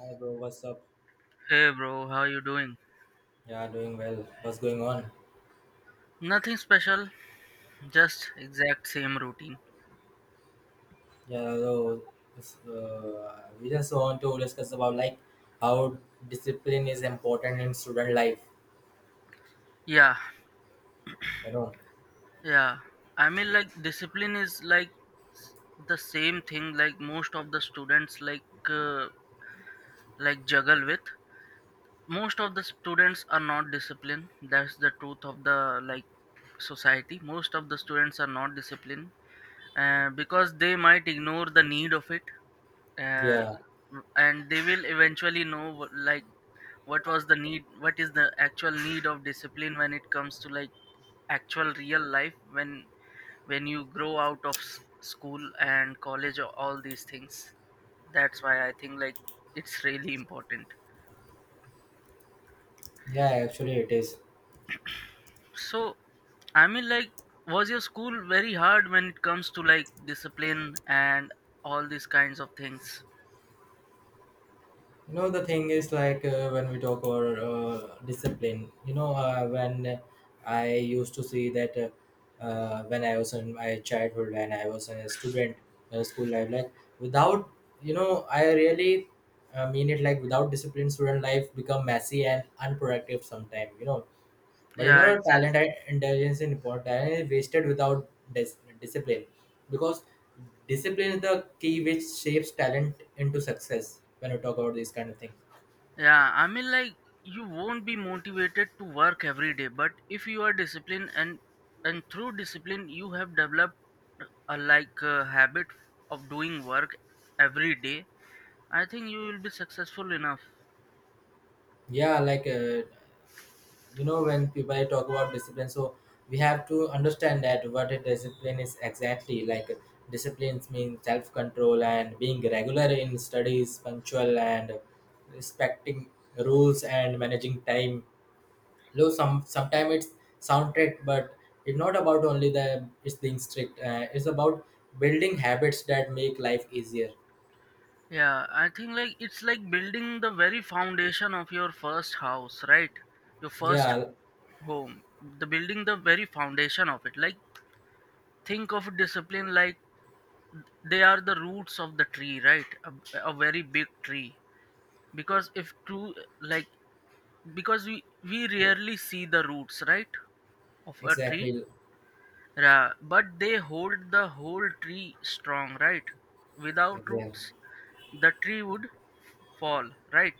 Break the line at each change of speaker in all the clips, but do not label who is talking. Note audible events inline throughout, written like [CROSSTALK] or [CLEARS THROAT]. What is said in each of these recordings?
Hi bro, what's up?
Hey bro, how you doing?
Yeah, doing well. What's going on?
Nothing special, just exact same routine.
Yeah, so we just want to discuss about like how discipline is important in student life.
Yeah,
You know?
yeah. I mean like discipline is like s- the same thing like most of the students uh, like juggle with. Most of the students are not disciplined. That's the truth of the like society. Most of the students are not disciplined, because they might ignore the need of it, uh,
Yeah,
and they will eventually know like what was the need, what is the actual need of discipline when it comes to like actual real life when you grow out of school and college or all these things. That's why I think like it's really important.
yeah, actually it is.
So I mean like, was your school very hard when it comes to like discipline and all these kinds of things?
You know the thing is like when we talk about discipline, you know, when I used to see that when I was in my childhood, when I was a student, school life, like, without, you know, I really mean it, like, without discipline student life become messy and unproductive sometime, you know. But you
Yeah,
know, talent
exactly.
and intelligence is important. Talent is wasted without discipline, because discipline is the key which shapes talent into success. When we talk about these kind of things,
Yeah, I mean, like, you won't be motivated to work every day, but if you are disciplined and through discipline, you have developed a like a habit of doing work every day. I think you will be successful enough.
yeah, like you know, when people talk about discipline, so we have to understand that what a discipline is exactly. Like disciplines mean self control and being regular in studies, punctual and respecting rules and managing time, though sometimes it's soundtrack, but it's not about only the it's being strict, it's about building habits that make life easier.
Yeah, I think like it's like building the very foundation of your first house, right? Your first
Yeah,
home, the building the very foundation of it. Like think of discipline like they are the roots of the tree, right? A very big tree because if true like because we rarely see the roots, right, of a tree.
exactly.
But they hold the whole tree strong, right? Without
Exactly.
roots the tree would fall, right?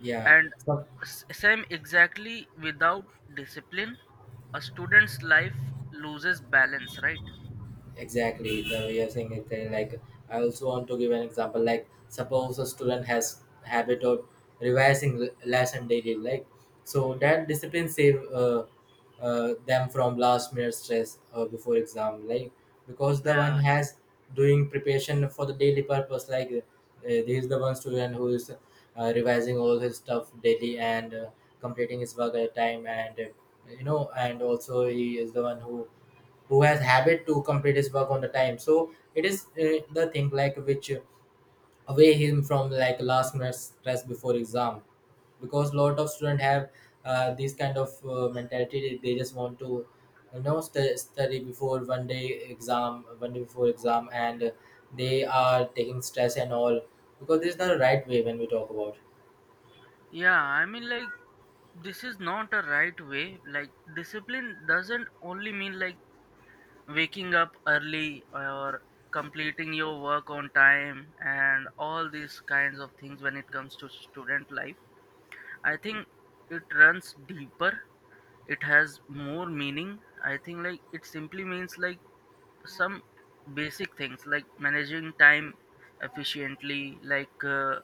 Yeah,
And
so
same exactly without discipline a student's life loses balance, right?
exactly the way you're saying it, like, I also want to give an example. Like suppose a student has habit of revising lesson daily, like, so that discipline save them from last minute stress before exam, like, because the one
Yeah.
has doing preparation for the daily purpose, like, this is the one student who is revising all his stuff daily and completing his work at a time and you know, and also he is the one who has habit to complete his work on the time, so it is the thing like which away him from like last minute stress before exam, because lot of students have this kind of mentality. They just want to, you know, study before one day exam, one day before exam, and they are taking stress and all, because this is not the right way when we talk about.
Yeah I mean like this is not a right way, like discipline doesn't only mean like waking up early or completing your work on time and all these kinds of things. When it comes to student life I think it runs deeper, it has more meaning. I think like it simply means like some basic things like managing time efficiently, like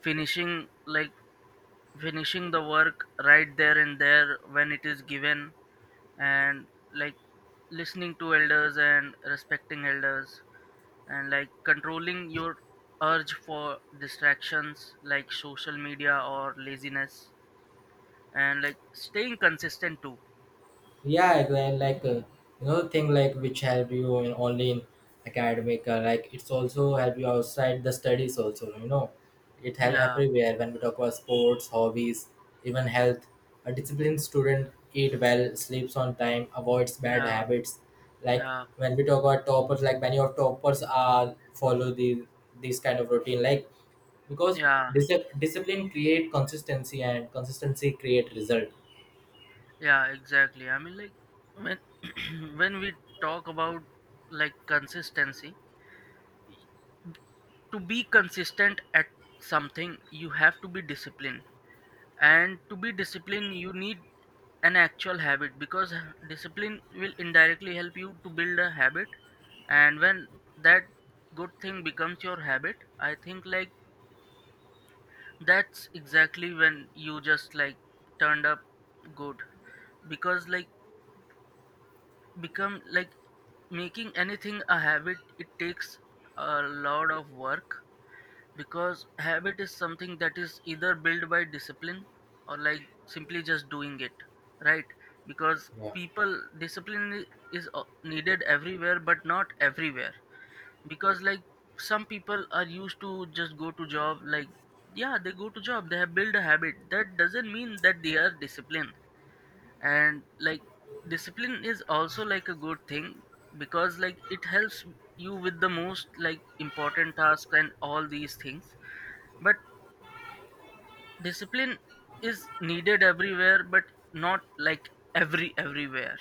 finishing like finishing the work right there and there when it is given, and like listening to elders and respecting elders, and like controlling your urge for distractions like social media or laziness, and like staying consistent too.
Yeah, I agree. And like you know, thing like which help you in only in academic, like it's also help you outside the studies also, you know, it help
Yeah,
everywhere when we talk about sports, hobbies, even health. A disciplined student eat well, sleeps on time, avoids bad
yeah,
habits, like,
yeah,
when we talk about toppers, like, many of toppers are follow the this kind of routine, like, because
yeah,
dis- discipline create consistency and consistency create result.
yeah, exactly. I mean like, when [CLEARS THROAT] when we talk about like consistency, to be consistent at something you have to be disciplined, and to be disciplined you need an actual habit, because discipline will indirectly help you to build a habit. And when that good thing becomes your habit I think like that's exactly when you just like turned up good. Because like become like making anything a habit, it takes a lot of work, because habit is something that is either built by discipline or like simply just doing it, right? Because
Yeah,
people discipline is needed everywhere but not everywhere. Because like some people are used to just go to job, like yeah they go to job, they have built a habit, that doesn't mean that they are disciplined. And like discipline is also like a good thing, because like it helps you with the most like important tasks and all these things. But discipline is needed everywhere, but not like everywhere.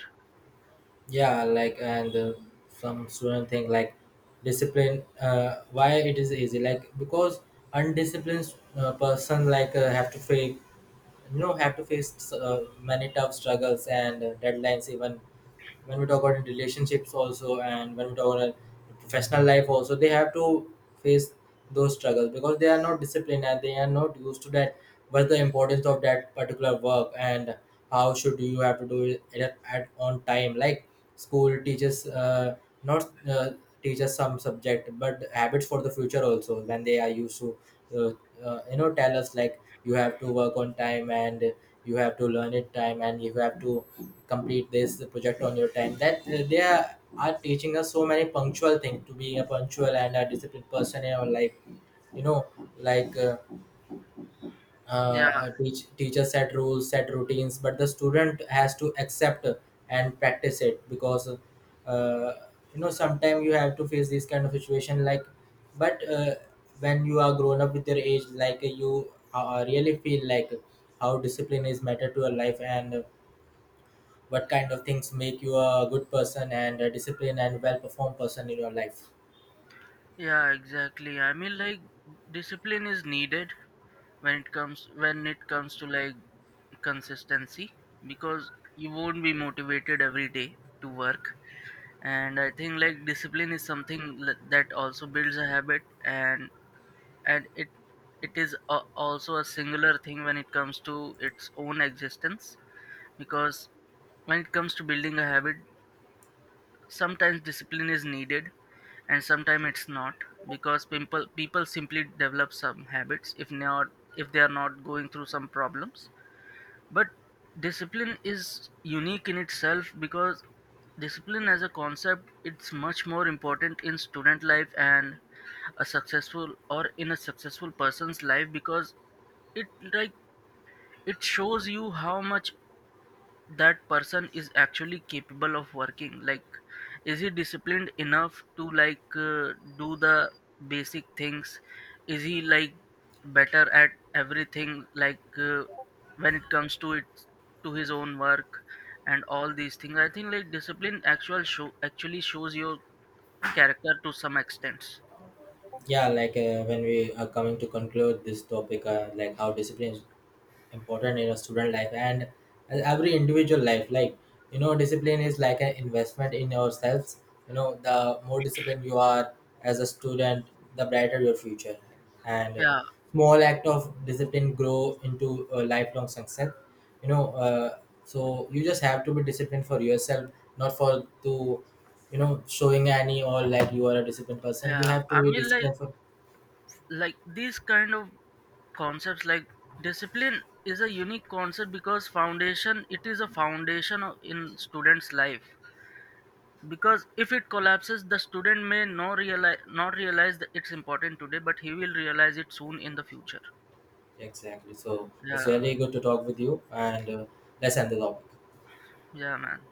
yeah, like, and some student think like discipline, why it is easy, like, because undisciplined person, like, have to face, you know, have to face many tough struggles and deadlines, even when we talk about in relationships also, and when we talk about in professional life also, they have to face those struggles because they are not disciplined and they are not used to that what's the importance of that particular work and how should you have to do it at on time, like, school teaches not teaches some subject but habits for the future also, when they are used to uh, you know, tell us like you have to work on time and you have to learn it time and you have to complete this project on your time, that they are teaching us so many punctual things to being a punctual and a disciplined person in our life, you know, like
Yeah,
teacher set rules, set routines, but the student has to accept and practice it, because you know, sometimes you have to face this kind of situation, like, but when you are grown up with your age, like, you really feel like how discipline is matter to your life and what kind of things make you a good person and a disciplined and well performed person in your life.
yeah, exactly. I mean, like discipline is needed when it comes to like consistency, because you won't be motivated every day to work. And I think like discipline is something that also builds a habit, and it is a, also a singular thing when it comes to its own existence. Because when it comes to building a habit, sometimes discipline is needed and sometimes it's not, because people simply develop some habits if not, if they are not going through some problems. But discipline is unique in itself, because discipline as a concept it's much more important in student life and a successful or in a successful person's life, because it like it shows you how much that person is actually capable of working, like is he disciplined enough to like do the basic things, is he like better at everything like, when it comes to it, to his own work and all these things. I think like discipline actually shows your character to some extent.
Yeah, like when we are coming to conclude this topic, like, how discipline is important in a student life and every individual life, like, you know, discipline is like an investment in yourselves. You know, the more disciplined you are as a student, the brighter your future. And
Yeah.
small act of discipline grow into a lifelong success. You know, so you just have to be disciplined for yourself, not for to, you know, showing any or like you are a disciplined person. You
Yeah
have
I
to be
mean like
disciplined for.
like these kind of concepts like, discipline is a unique concept because foundation it is a foundation in students life, because if it collapses the student may not realize not realize that it's important today, but he will realize it soon in the future.
Exactly. So it's
Yeah.
really good to talk with you and let's end the topic.
Yeah, man.